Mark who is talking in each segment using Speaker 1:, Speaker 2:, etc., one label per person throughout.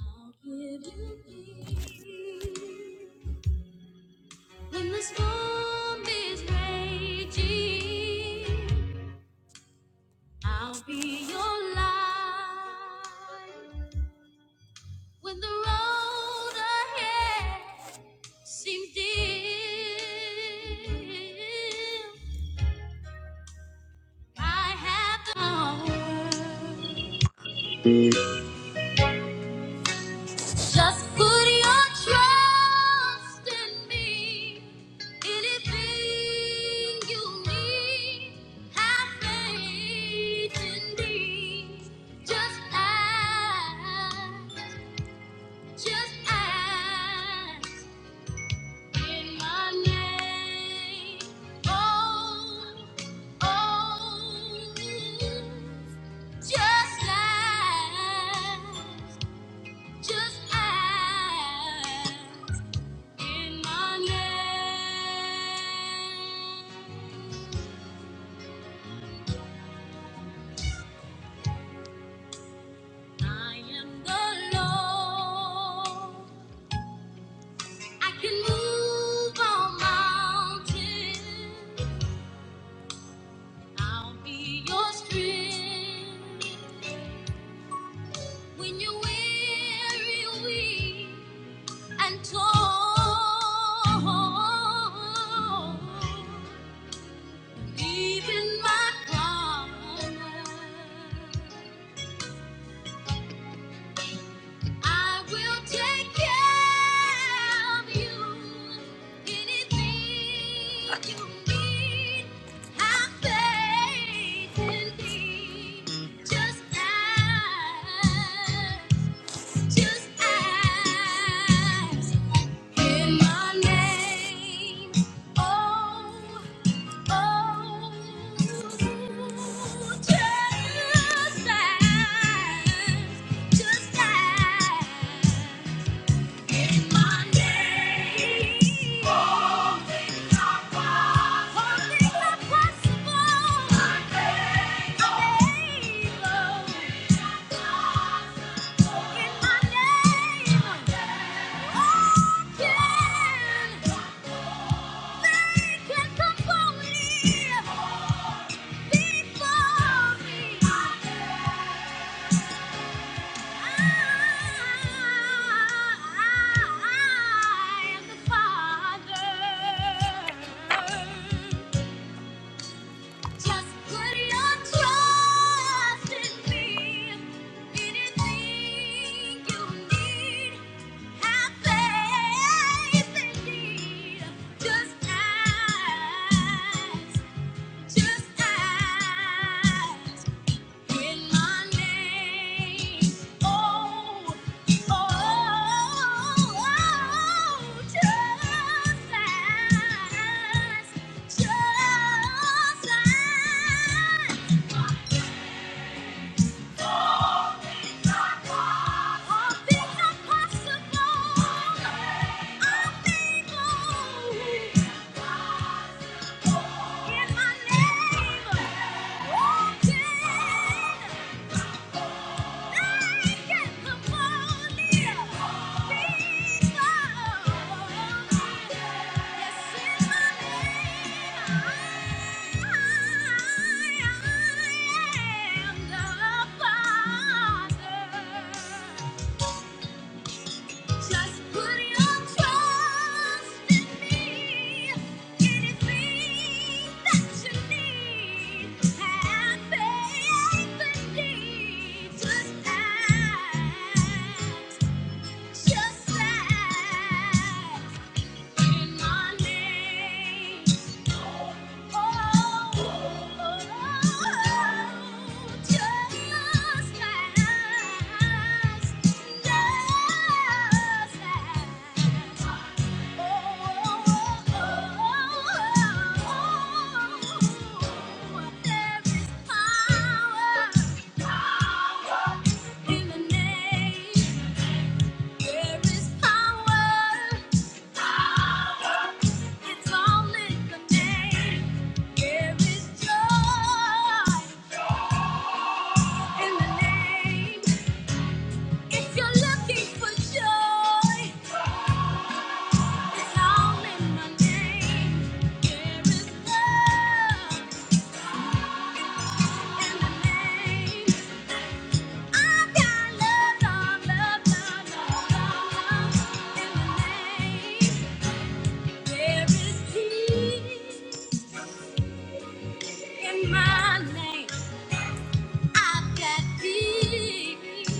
Speaker 1: I'll give you peace. When the storm is raging, I'll be your light. When the road ahead seems dim, I have the power. Just put your trust in me. Anything you need, have faith in me. Just ask, just ask in my name. Oh, oh, just ask, just ask. In my name, I am the Lord. I can move all mountains. I'll be your strength when you're weary, weak, and torn. Even my promise. I will take care of you. Anything you need, have faith in Just ask, just ask in my name. Oh, just as, just as. Before me, just ask. When my name, oh, oh, oh, just as, just as. All I'm able. In my name, oh, Father. Just put your trust in me. Anything that you need, have faith in me. Just ask, just ask. There is Power in the name. There is power, power. It's all in the name. There is joy in the name. If you're looking for joy, it's all in the name. There is love in the name. I've got love, love, love, love, love in the name. There is peace. in my name. I've got peace.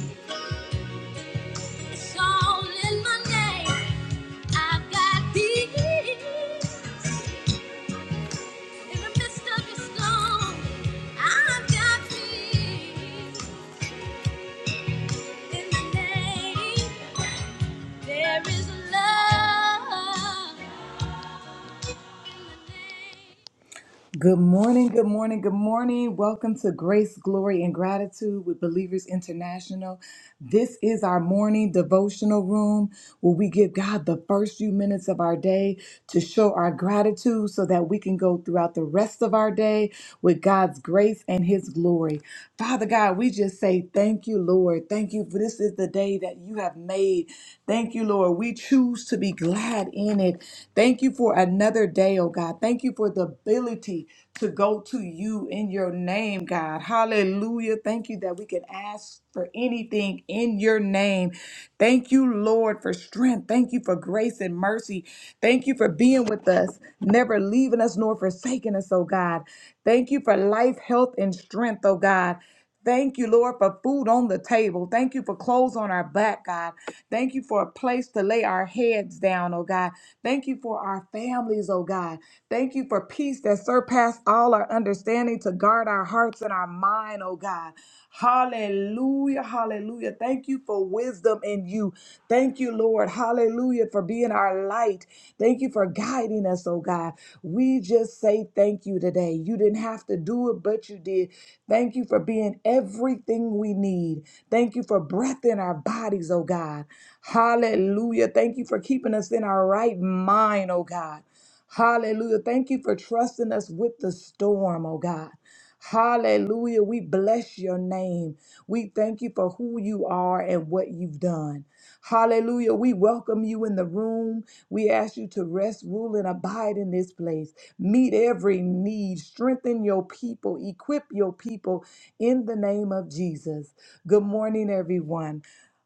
Speaker 1: It's all in my name. I've got peace. In the midst of the storm, I've got peace. In the name, there is love. In the name. Good morning, good morning, good morning. Welcome to Grace, Glory, and Gratitude with Believers International. This is our morning devotional room where we give God the first few minutes of our day to show our gratitude so that we can go throughout the rest of our day with God's grace and His glory. Father God, we just say thank you, Lord. Thank you for this is the day that you have made. Thank you, Lord. We choose to be glad in it. Thank you for another day, oh God. Thank you for the ability to go to you in your name, God. Hallelujah. Thank you that we can ask for anything in your name. Thank you, Lord, for strength. Thank you for grace and mercy. Thank you for being with us, never leaving us nor forsaking us, oh God. Thank you for life, health, and strength, oh God. Thank you, Lord, for food on the table. Thank you for clothes on our back, God. Thank you for a place to lay our heads down, oh God. Thank you for our families, oh God. Thank you for peace that surpasses all our understanding to guard our hearts and our mind, oh God. Hallelujah, hallelujah. Thank you for wisdom in you. Thank you, Lord. Hallelujah for being our light. Thank you for guiding us, oh God. We just say thank you today. You didn't have to do it, but you did. Thank you for being everything we need. Thank you for breath in our bodies, oh God. Hallelujah. Thank you for keeping us in our right mind, oh God. Hallelujah. Thank you for trusting us with the storm, oh God. Hallelujah. We bless your name. We thank you for who you are and what you've done. Hallelujah. We welcome you in the room. We ask you to rest, rule, and abide in this place. Meet every need. Strengthen your people. Equip your people in the name of Jesus. Good morning, everyone.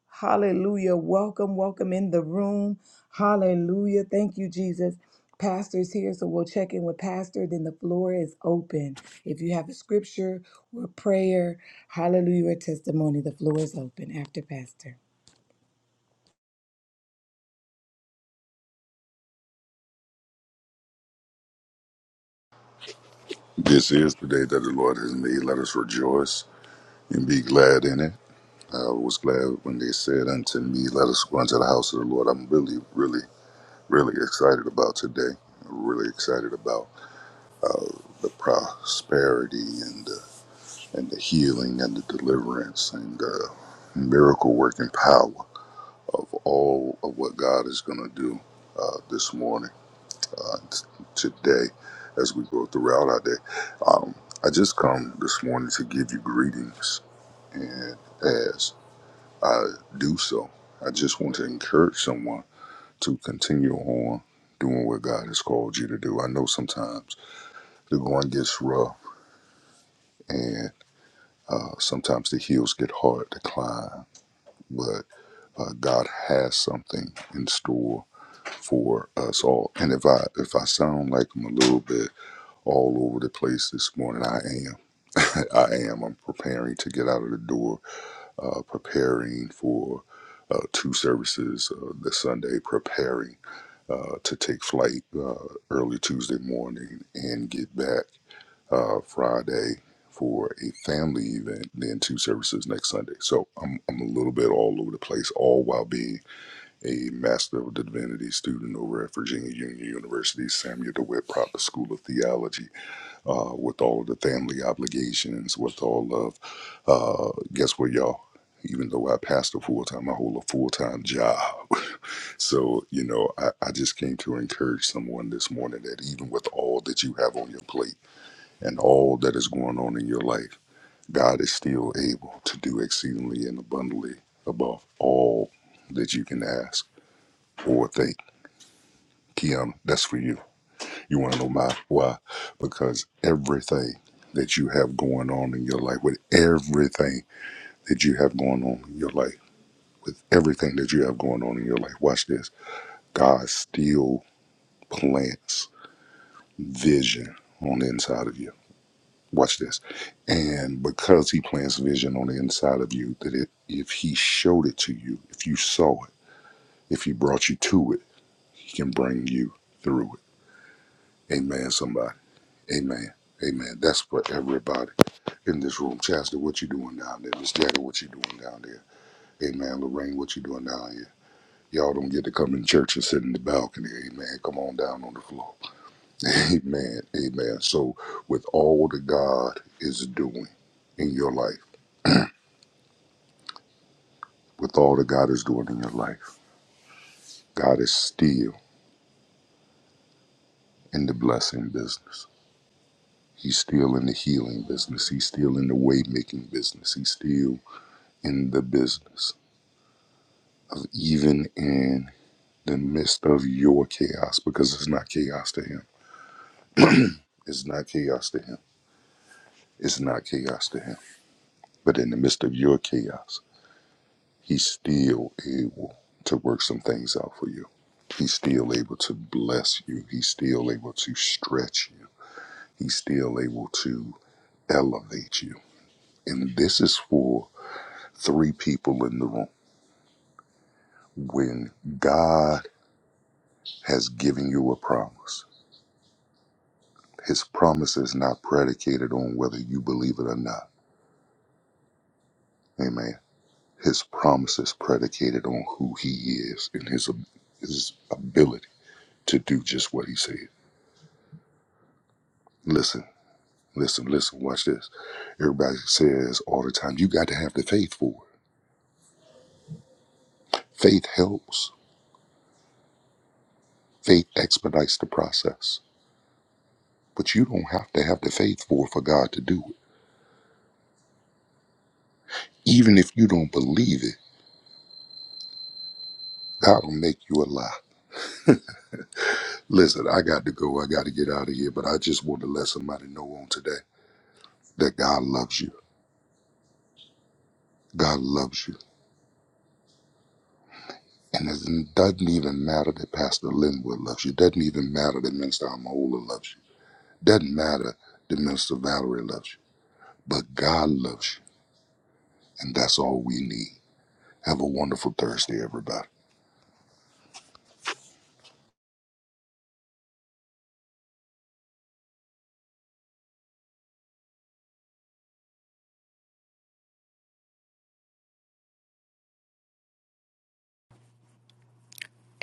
Speaker 1: Hallelujah. Welcome, welcome in the room. Hallelujah. Thank you, Jesus. Pastor's here, so we'll check in with Pastor. Then the floor is open. If you have a scripture or prayer, hallelujah, or testimony, the floor is open after Pastor.
Speaker 2: This is the day that the Lord has made. Let us rejoice and be glad in it. I was glad when they said unto me, Let us go into the house of the Lord. I'm really, really, really excited about today. I'm really excited about the prosperity and the, and the healing and the deliverance and the miracle working power of all of what God is going to do uh, this morning uh, t- today as we go throughout our day. Um, I just come this morning to give you greetings, and as I do so, I just want to encourage someone to continue on doing what God has called you to do. I know sometimes the going gets rough, and uh, sometimes the hills get hard to climb, but uh, God has something in store for us all. And if I if I sound like I'm a little bit all over the place this morning. I am. I am. I'm preparing to get out of the door, uh, preparing for uh, two services uh, this Sunday, preparing uh, to take flight uh, early Tuesday morning and get back uh, Friday for a family event, then two services next Sunday. So I'm, I'm a little bit all over the place, all while being a Master of Divinity student over at Virginia Union University Samuel DeWitt Proper School of Theology uh, with all of the family obligations, with all of, uh, guess what, y'all? Even though I pastor full time, I hold a full time job. So, you know, I, I just came to encourage someone this morning that even with all that you have on your plate and all that is going on in your life, God is still able to do exceedingly and abundantly above all that you can ask or think. Kiana, that's for you. You want to know my why? Because everything that you have going on in your life, with everything that you have going on in your life, with everything that you have going on in your life, watch this. God still plants vision on the inside of you. Watch this. And because he plants vision on the inside of you, that it, if he showed it to you, if you saw it, if he brought you to it, he can bring you through it. Amen, somebody. Amen. Amen. That's for everybody. in this room. Chastity, what you doing down there? Miss Jada, what you doing down there? Amen. Lorraine, what you doing down here? Y'all don't get to come in church and sit in the balcony. Amen. Come on down on the floor. Amen. Amen. So, with all that God is doing in your life, with all that God is doing in your life, God is still in the blessing business. He's still in the healing business. He's still in the way making business. He's still in the business of even in the midst of your chaos because it's not chaos to him. It's not chaos to him. It's not chaos to him. But in the midst of your chaos, he's still able to work some things out for you. He's still able to bless you. He's still able to stretch you. He's still able to elevate you. And this is for three people in the room. When God has given you a promise, his promise is not predicated on whether you believe it or not. Amen His promise is predicated on who he is and his ab- his ability to do just what he said. Listen, listen, listen. Watch this. Everybody says all the time, you got to have the faith for it. Faith helps. Faith expedites the process. But you don't have to have the faith for it for God to do it. Even if you don't believe it, God will make you a lie. Listen, I got to go. I got to get out of here. But I just want to let somebody know on today that God loves you. God loves you. And it doesn't even matter that Pastor Linwood loves you. Doesn't even matter that Minister Amahola loves you. Doesn't matter that Minister Valerie loves you. But God loves you, and that's all we need. Have a wonderful Thursday, everybody.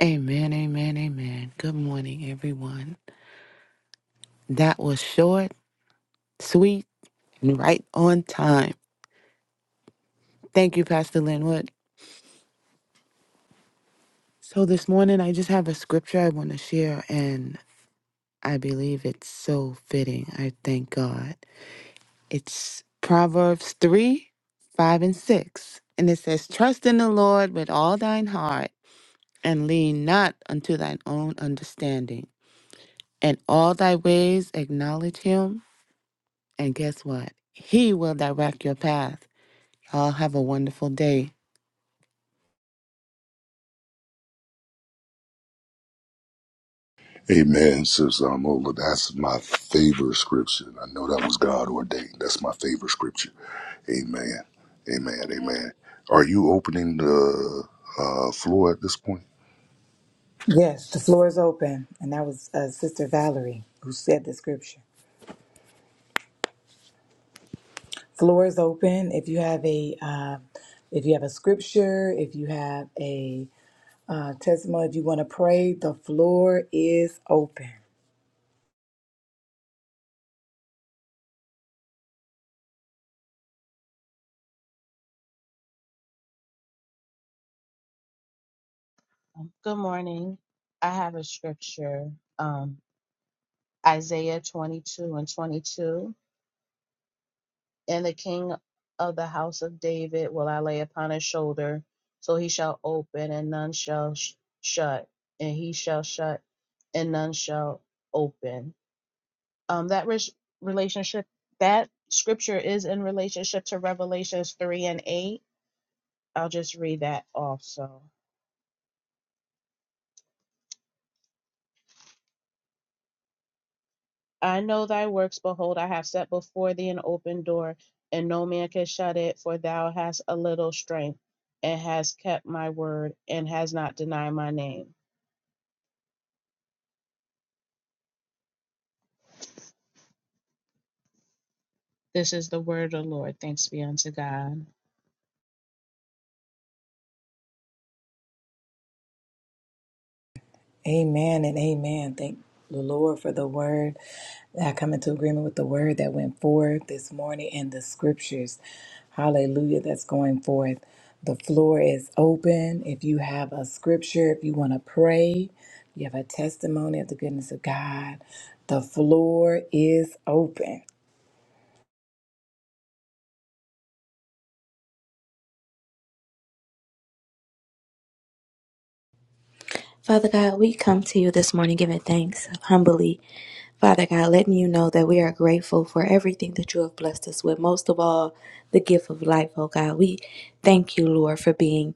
Speaker 3: Amen, amen, amen. Good morning, everyone. That was short, sweet, and right on time. Thank you, Pastor Linwood. So, this morning, I just have a scripture I want to share, and I believe it's so fitting. I thank God. It's Proverbs 3 5 and 6. And it says, Trust in the Lord with all thine heart, and lean not unto thine own understanding. And all thy ways acknowledge him And guess what? He will direct your path. Y'all have a wonderful day.
Speaker 2: Amen, Sister Amahola. That's my favorite scripture. I know that was God ordained. That's my favorite scripture. Amen. Amen. Amen. Are you opening the uh, floor at this point?
Speaker 1: Yes, the floor is open. And that was uh, Sister Valerie who said the scripture. Floor is open. If you have a, uh, if you have a scripture, if you have a uh, testimony, if you want to pray, the floor is open.
Speaker 4: Um, Good morning. I have a scripture, um, Isaiah 22 and 22. And the king of the house of David will I lay upon his shoulder, so he shall open and none shall sh- shut, and he shall shut and none shall open. Um, that res- relationship, that scripture is in relationship to Revelations 3 and 8. I'll just read that also. I know thy works. Behold, I have set before thee an open door, and no man can shut it. For thou hast a little strength, and hast kept my word, and has not denied my name. This is the word of the Lord. Thanks be unto God.
Speaker 1: Amen and amen. Thank the Lord for the word. I come into agreement with the word that went forth this morning and the scriptures. Hallelujah, that's going forth. The floor is open. If you have a scripture, if you want to pray, you have a testimony of the goodness of God, the floor is open.
Speaker 5: Father God, we come to you this morning giving thanks humbly. Father God, letting you know that we are grateful for everything that you have blessed us with, most of all, the gift of life, oh God. We thank you, Lord, for being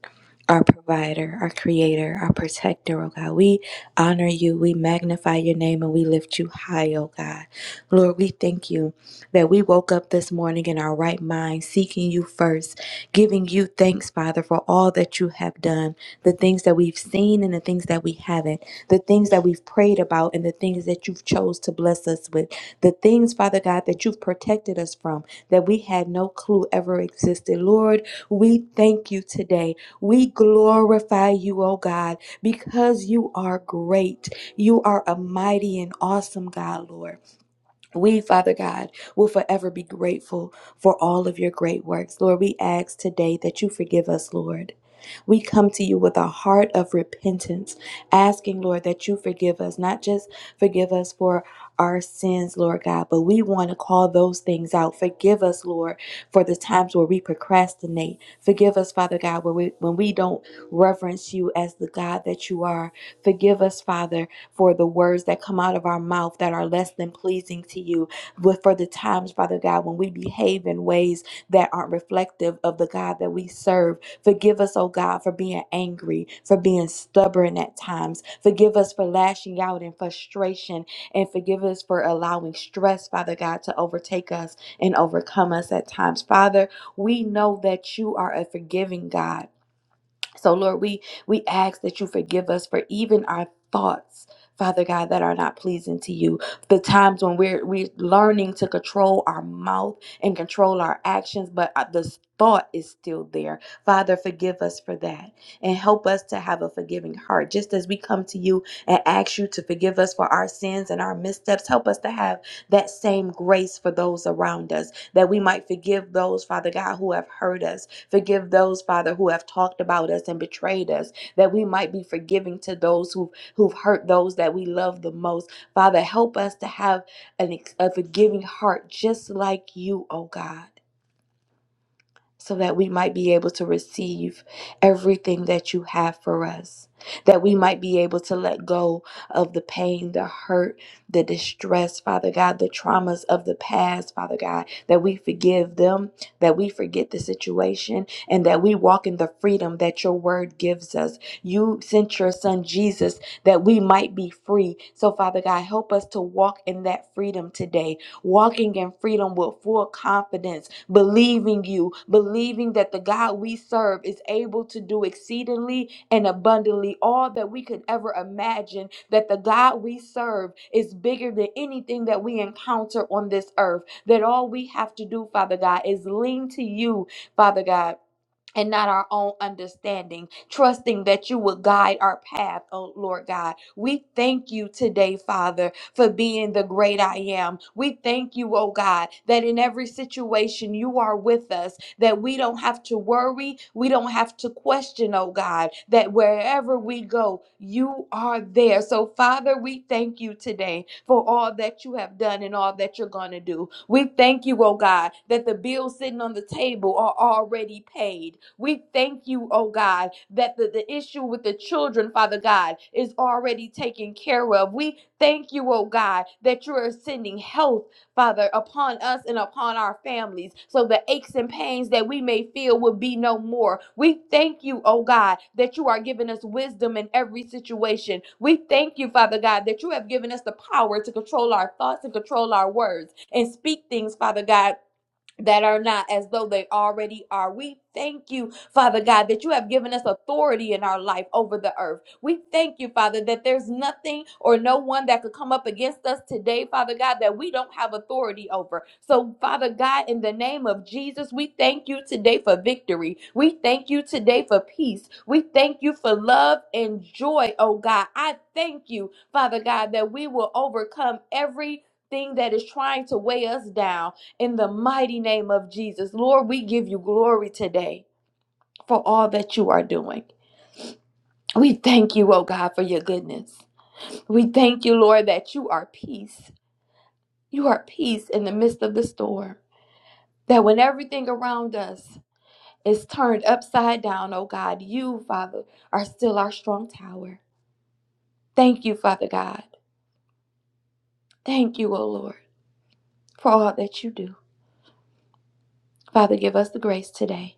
Speaker 5: our provider, our creator, our protector, oh God. We honor you, we magnify your name, and we lift you high, oh God. Lord, we thank you that we woke up this morning in our right mind, seeking you first, giving you thanks, Father. Father, for all that you have done, the things that we've seen and the things that we haven't, the things that we've prayed about and the things that you've chose to bless us with, the things, Father God, that you've protected us from that we had no clue ever existed. Lord, we thank you today. We glorify you, oh God, because you are great. You are a mighty and awesome God, Lord. We, Father God, will forever be grateful for all of your great works. Lord, we ask today that you forgive us, Lord. We come to you with a heart of repentance, asking, Lord, that you forgive us, not just forgive us for our sins, Lord God, but we want to call those things out. Forgive us, Lord, for the times where we procrastinate. Forgive us, Father God, where we, when we don't reverence you as the God that you are. Forgive us, Father, for the words that come out of our mouth that are less than pleasing to you, but for the times, Father God, when we behave in ways that aren't reflective of the God that we serve. Forgive us, oh God, for being angry, for being stubborn at times. Forgive us for lashing out in frustration, and forgive us for allowing stress, Father God, to overtake us and overcome us at times. Father, we know that you are a forgiving God. So Lord, we we ask that you forgive us for even our thoughts. Father God, that are not pleasing to you. The times when we're we're learning to control our mouth and control our actions, but uh, the thought is still there. Father, forgive us for that and help us to have a forgiving heart. Just as we come to you and ask you to forgive us for our sins and our missteps, help us to have that same grace for those around us, that we might forgive those, Father God, who have hurt us, Forgive those, Father, who have talked about us and betrayed us, that we might be forgiving to those who've, who've hurt those that we love the most. Father, help us to have an, ex- a forgiving heart just like you, oh God so that we might be able to receive everything that you have for us, that we might be able to let go of the pain, the hurt, the distress, Father God, the traumas of the past, Father God, that we forgive them, that we forget the situation, and that we walk in the freedom that your word gives us. You sent your son Jesus that we might be free. So, Father God, help us to walk in that freedom today walking in freedom with full confidence, believing you, believing that the God we serve is able to do exceedingly and abundantly all that we could ever imagine, that the God we serve is bigger than anything that we encounter on this earth, that all we have to do, Father God, is lean to you, Father God and not our own understanding, trusting that you will guide our path, oh Lord God. We thank you today, Father, for being the great I am. We thank you, oh God, that in every situation you are with us, that we don't have to worry, we don't have to question, oh God, that wherever wherever we go, you are there. So, Father, we thank you today for all that you have done and all that you're going to do. We thank you, oh God, that the bills sitting on the table are already paid. We thank you, oh God, that the, the issue with the children, Father God, is already taken care of. We thank you, oh God, that you are sending health Father, upon us and upon our families, so the aches and pains that we may feel will be no more. We thank you, oh God, that you are giving us wisdom in every situation. We thank you, Father God, that you have given us the power to control our thoughts and control our words and speak things, Father God, that are not as though they already are. We thank you, Father God, that you have given us authority in our life over the earth. We thank you, Father, that there's nothing or no one that could come up against us today, Father God, that we don't have authority over. So, Father God, in the name of Jesus, we thank you today for victory. We thank you today for peace. We thank you for love and joy, oh God. I thank you, Father God, that we will overcome every thing that is trying to weigh us down in the mighty name of Jesus. Lord, we give you glory today for all that you are doing. We thank you, oh God, for your goodness. We thank you, Lord, that you are peace. You are peace in the midst of the storm. That when everything around us is turned upside down, oh God, you, Father, are still our strong tower. Thank you, Father God. Thank you, oh Lord, for all that you do. Father, give us the grace today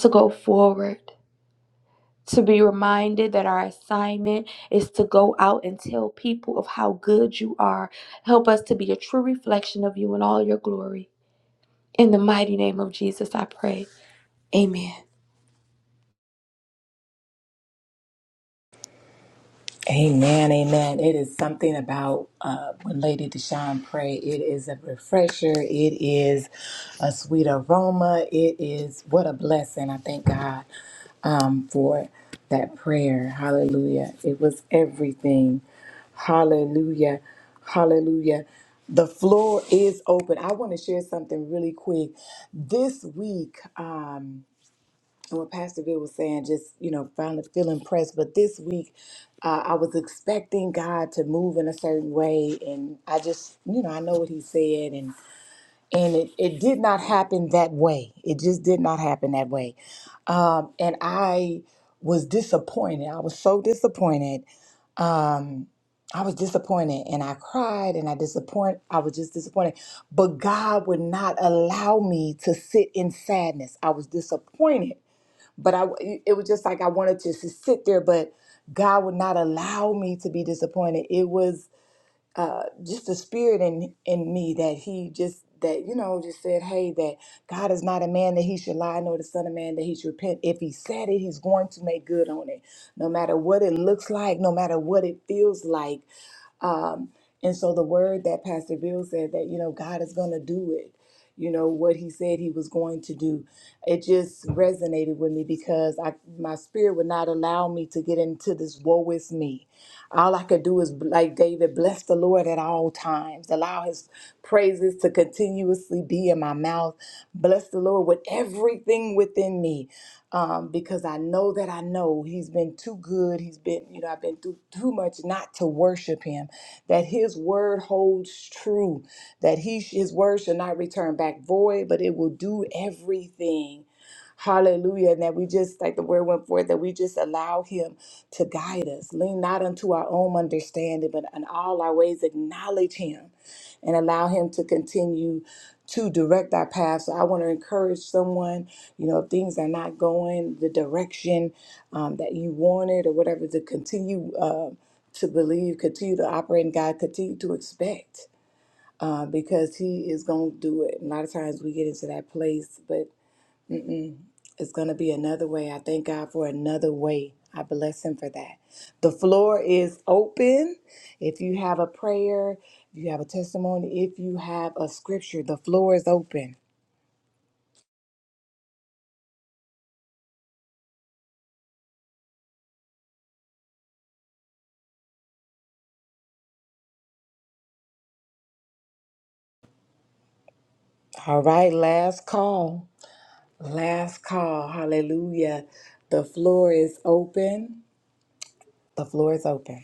Speaker 5: to go forward to be reminded that our assignment is to go out and tell people of how good you are. Help us to be a true reflection of you in all your glory. In the mighty name of Jesus, I pray. Amen.
Speaker 1: Amen, amen. It is something about uh, when Lady Deshawn pray. It is a refresher. It is a sweet aroma. It is what a blessing. I thank God um, for that prayer. Hallelujah. It was everything. Hallelujah. Hallelujah. The floor is open. I want to share something really quick. This week. um, and what Pastor Bill was saying, just, you know, finally feeling pressed. But this week, uh, I was expecting God to move in a certain way. And I just, you know, I know what he said. And, and it, it did not happen that way. It just did not happen that way. Um, and I was disappointed. I was so disappointed. Um, I was disappointed and I cried and I disappoint I was just disappointed. But God would not allow me to sit in sadness. I was disappointed but I it was just like I wanted to just sit there, but God would not allow me to be disappointed. It was uh, just a spirit in in me that He just that you know just said, hey, that God is not a man that He should lie, nor the Son of Man that He should repent. If He said it, He's going to make good on it, no matter what it looks like, no matter what it feels like. Um, and so the word that Pastor Bill said that, you know, God is going to do it, you know, what he said he was going to do, it just resonated with me because I, my spirit would not allow me to get into this woe is me. All I could do is, like David, bless the Lord at all times, allow his praises to continuously be in my mouth, bless the Lord with everything within me um, because I know that I know He's been too good. He's been, you know, I've been through too much not to worship Him. That His word holds true. That He His word shall not return back void, but it will do everything. Hallelujah. And that we just, like the word went forth, that we just allow Him to guide us. Lean not unto our own understanding, but in all our ways acknowledge Him and allow Him to continue to direct our path. So I want to encourage someone you know if things are not going the direction um, that you wanted or whatever to continue uh, to believe continue to operate in god continue to expect uh, because he is going to do it a lot of times we get into that place but it's going to be another way i thank god for another way i bless him for that the floor is open if you have a prayer if you have a testimony if you have a scripture the floor is open all right last call Last call. Hallelujah. The floor is open. The floor is open.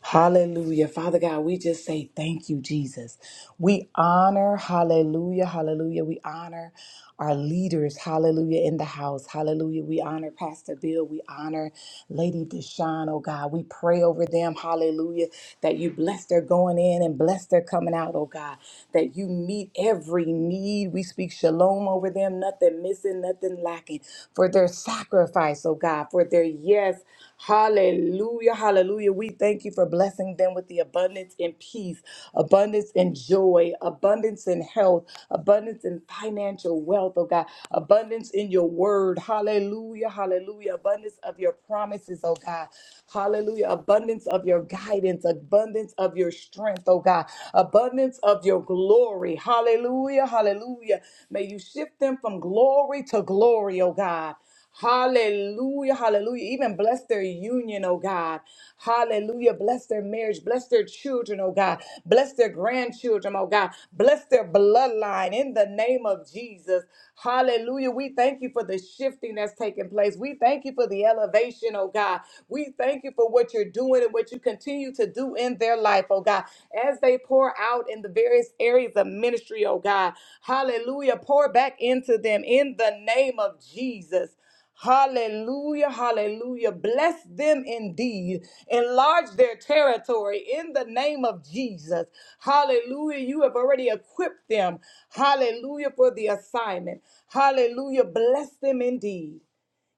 Speaker 1: Hallelujah. Father God, we just say thank you, Jesus. We honor, hallelujah, hallelujah. We honor our leaders, hallelujah, in the house, hallelujah. We honor Pastor Bill. We honor Lady Deshawn, oh God. We pray over them, hallelujah, that you bless their going in and bless their coming out, oh God, that you meet every need. We speak shalom over them, nothing missing, nothing lacking, for their sacrifice, oh God, for their yes. Hallelujah, hallelujah. We thank you for blessing them with the abundance in peace, abundance in joy, abundance in health, abundance in financial wealth, oh God, abundance in your word. Hallelujah, hallelujah. Abundance of your promises, oh God. Hallelujah. Abundance of your guidance, abundance of your strength, oh God, abundance of your glory. Hallelujah, hallelujah. May you shift them from glory to glory, oh God. Hallelujah, hallelujah. Even bless their union, oh God. Hallelujah. Bless their marriage. Bless their children, oh God. Bless their grandchildren, oh God. Bless their bloodline in the name of Jesus. Hallelujah. We thank you for the shifting that's taking place. We thank you for the elevation, oh God. We thank you for what you're doing and what you continue to do in their life, oh God As they pour out in the various areas of ministry, oh God. Hallelujah. Pour back into them in the name of Jesus. Hallelujah, hallelujah. Bless them indeed. Enlarge their territory in the name of Jesus. Hallelujah. You have already equipped them. Hallelujah for the assignment. Hallelujah. Bless them indeed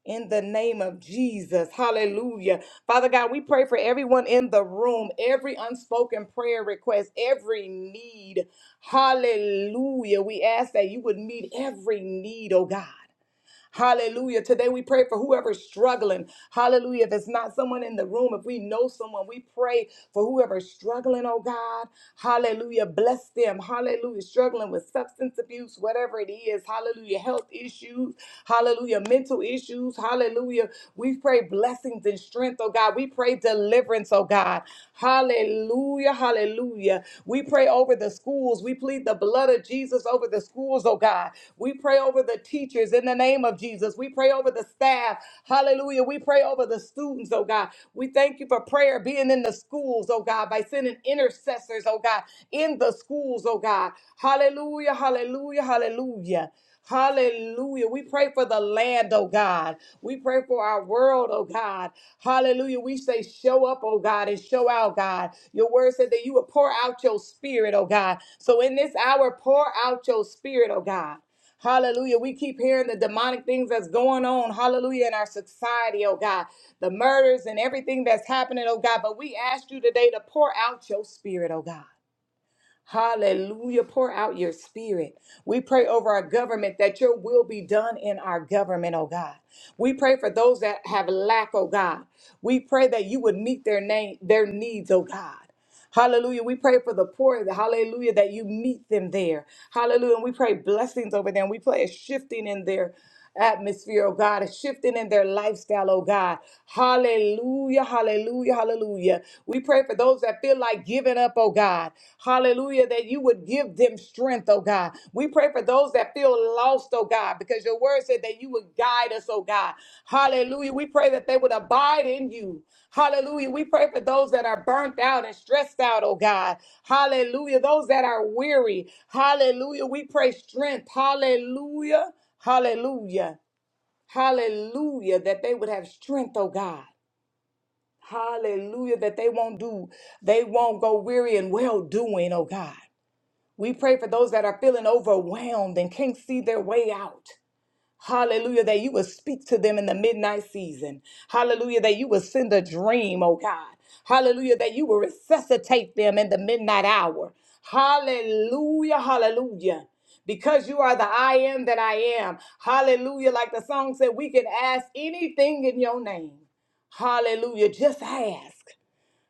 Speaker 1: in the name of Jesus. Hallelujah. Father God, we pray for everyone in the room, every unspoken prayer request, every need. Hallelujah. We ask that you would meet every need, oh God. Hallelujah. Today we pray for whoever's struggling. Hallelujah. If it's not someone in the room, if we know someone, we pray for whoever's struggling, oh God. Hallelujah. Bless them. Hallelujah. Struggling with substance abuse, whatever it is. Hallelujah. Health issues. Hallelujah. Mental issues. Hallelujah. We pray blessings and strength, oh God. We pray deliverance, oh God. Hallelujah. Hallelujah. Hallelujah. We pray over the schools. We plead the blood of Jesus over the schools, oh God. We pray over the teachers in the name of Jesus. We pray over the staff. Hallelujah. We pray over the students, oh God. We thank you for prayer being in the schools, oh God, by sending intercessors, oh God, in the schools, oh God. Hallelujah. Hallelujah. Hallelujah. Hallelujah. We pray for the land, oh God. We pray for our world, oh God. Hallelujah. We say, show up, oh God, and show out, God. Your word said that you would pour out your spirit, oh God. So in this hour, pour out your spirit, oh God. Hallelujah. We keep hearing the demonic things that's going on, hallelujah, in our society, oh God. The murders and everything that's happening, oh God. But we ask you today to pour out your spirit, oh God. Hallelujah. Pour out your spirit. We pray over our government that your will be done in our government, oh God. We pray for those that have lack, oh God. We pray that you would meet their name, their needs, oh God. Hallelujah. We pray for the poor. Hallelujah. That you meet them there. Hallelujah. And we pray blessings over them. We pray a shifting in their atmosphere, oh God, a shifting in their lifestyle, oh God. Hallelujah, hallelujah, hallelujah. We pray for those that feel like giving up, oh God. Hallelujah, that you would give them strength, oh God. We pray for those that feel lost, oh God, because your word said that you would guide us, oh God. Hallelujah. We pray that they would abide in you. Hallelujah. We pray for those that are burnt out and stressed out, oh God. Hallelujah. Those that are weary. Hallelujah. We pray strength. Hallelujah. Hallelujah. Hallelujah. That they would have strength, oh God. Hallelujah. That they won't do, they won't go weary and well doing, oh God. We pray for those that are feeling overwhelmed and can't see their way out. Hallelujah, that you will speak to them in the midnight season. Hallelujah, that you will send a dream, oh God. Hallelujah, that you will resuscitate them in the midnight hour. Hallelujah, hallelujah. Because you are the I am that I am. Hallelujah. Like the song said, we can ask anything in your name. Hallelujah. Just ask.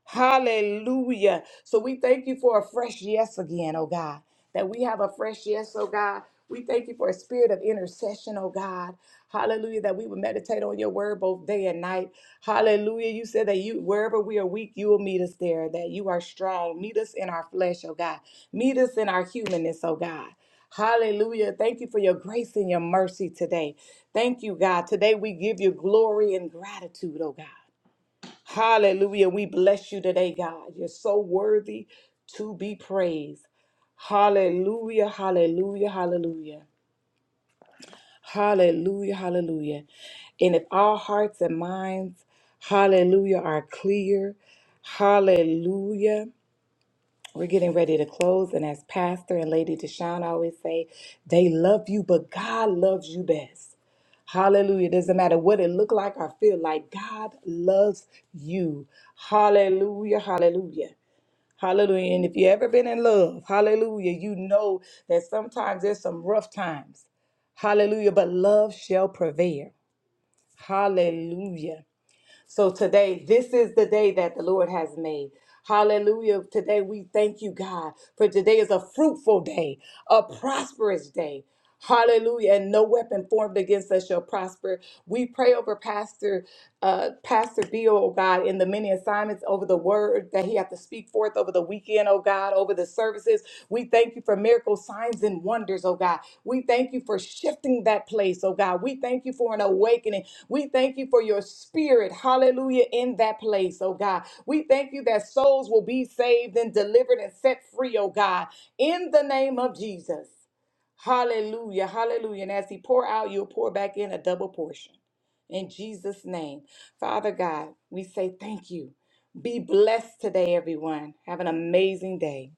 Speaker 1: Hallelujah. So we thank you for a fresh yes again, oh God, that we have a fresh yes, oh God. We thank you for a spirit of intercession, oh God. Hallelujah, that we would meditate on your word both day and night. Hallelujah. You said that you wherever we are weak, you will meet us there, that you are strong. Meet us in our flesh, oh God. Meet us in our humanness, oh God. Hallelujah. Thank you for your grace and your mercy today. Thank you, God. Today we give you glory and gratitude, oh God. Hallelujah. We bless you today, God. You're so worthy to be praised. Hallelujah, hallelujah, hallelujah. Hallelujah, hallelujah. And if our hearts and minds, hallelujah, are clear, hallelujah. We're getting ready to close. And as Pastor and Lady Deshawn always say, they love you, but God loves you best. Hallelujah. It doesn't matter what it look like or feel like. God loves you. Hallelujah. Hallelujah. Hallelujah. And if you ever been in love, hallelujah, you know that sometimes there's some rough times. Hallelujah. But love shall prevail. Hallelujah. So today, this is the day that the Lord has made. Hallelujah. Today, we thank you, God, for today is a fruitful day, a prosperous day. Hallelujah. And no weapon formed against us shall prosper. We pray over Pastor uh, Pastor Bill, oh God, in the many assignments over the word that he has to speak forth over the weekend, oh God, over the services. We thank you for miracle signs and wonders, oh God. We thank you for shifting that place, oh God. We thank you for an awakening. We thank you for your spirit, hallelujah, in that place, oh God. We thank you that souls will be saved and delivered and set free, oh God, in the name of Jesus. Hallelujah, hallelujah. And as he pour out, you'll pour back in a double portion. In Jesus' name. Father God, we say thank you. Be blessed today, everyone. Have an amazing day.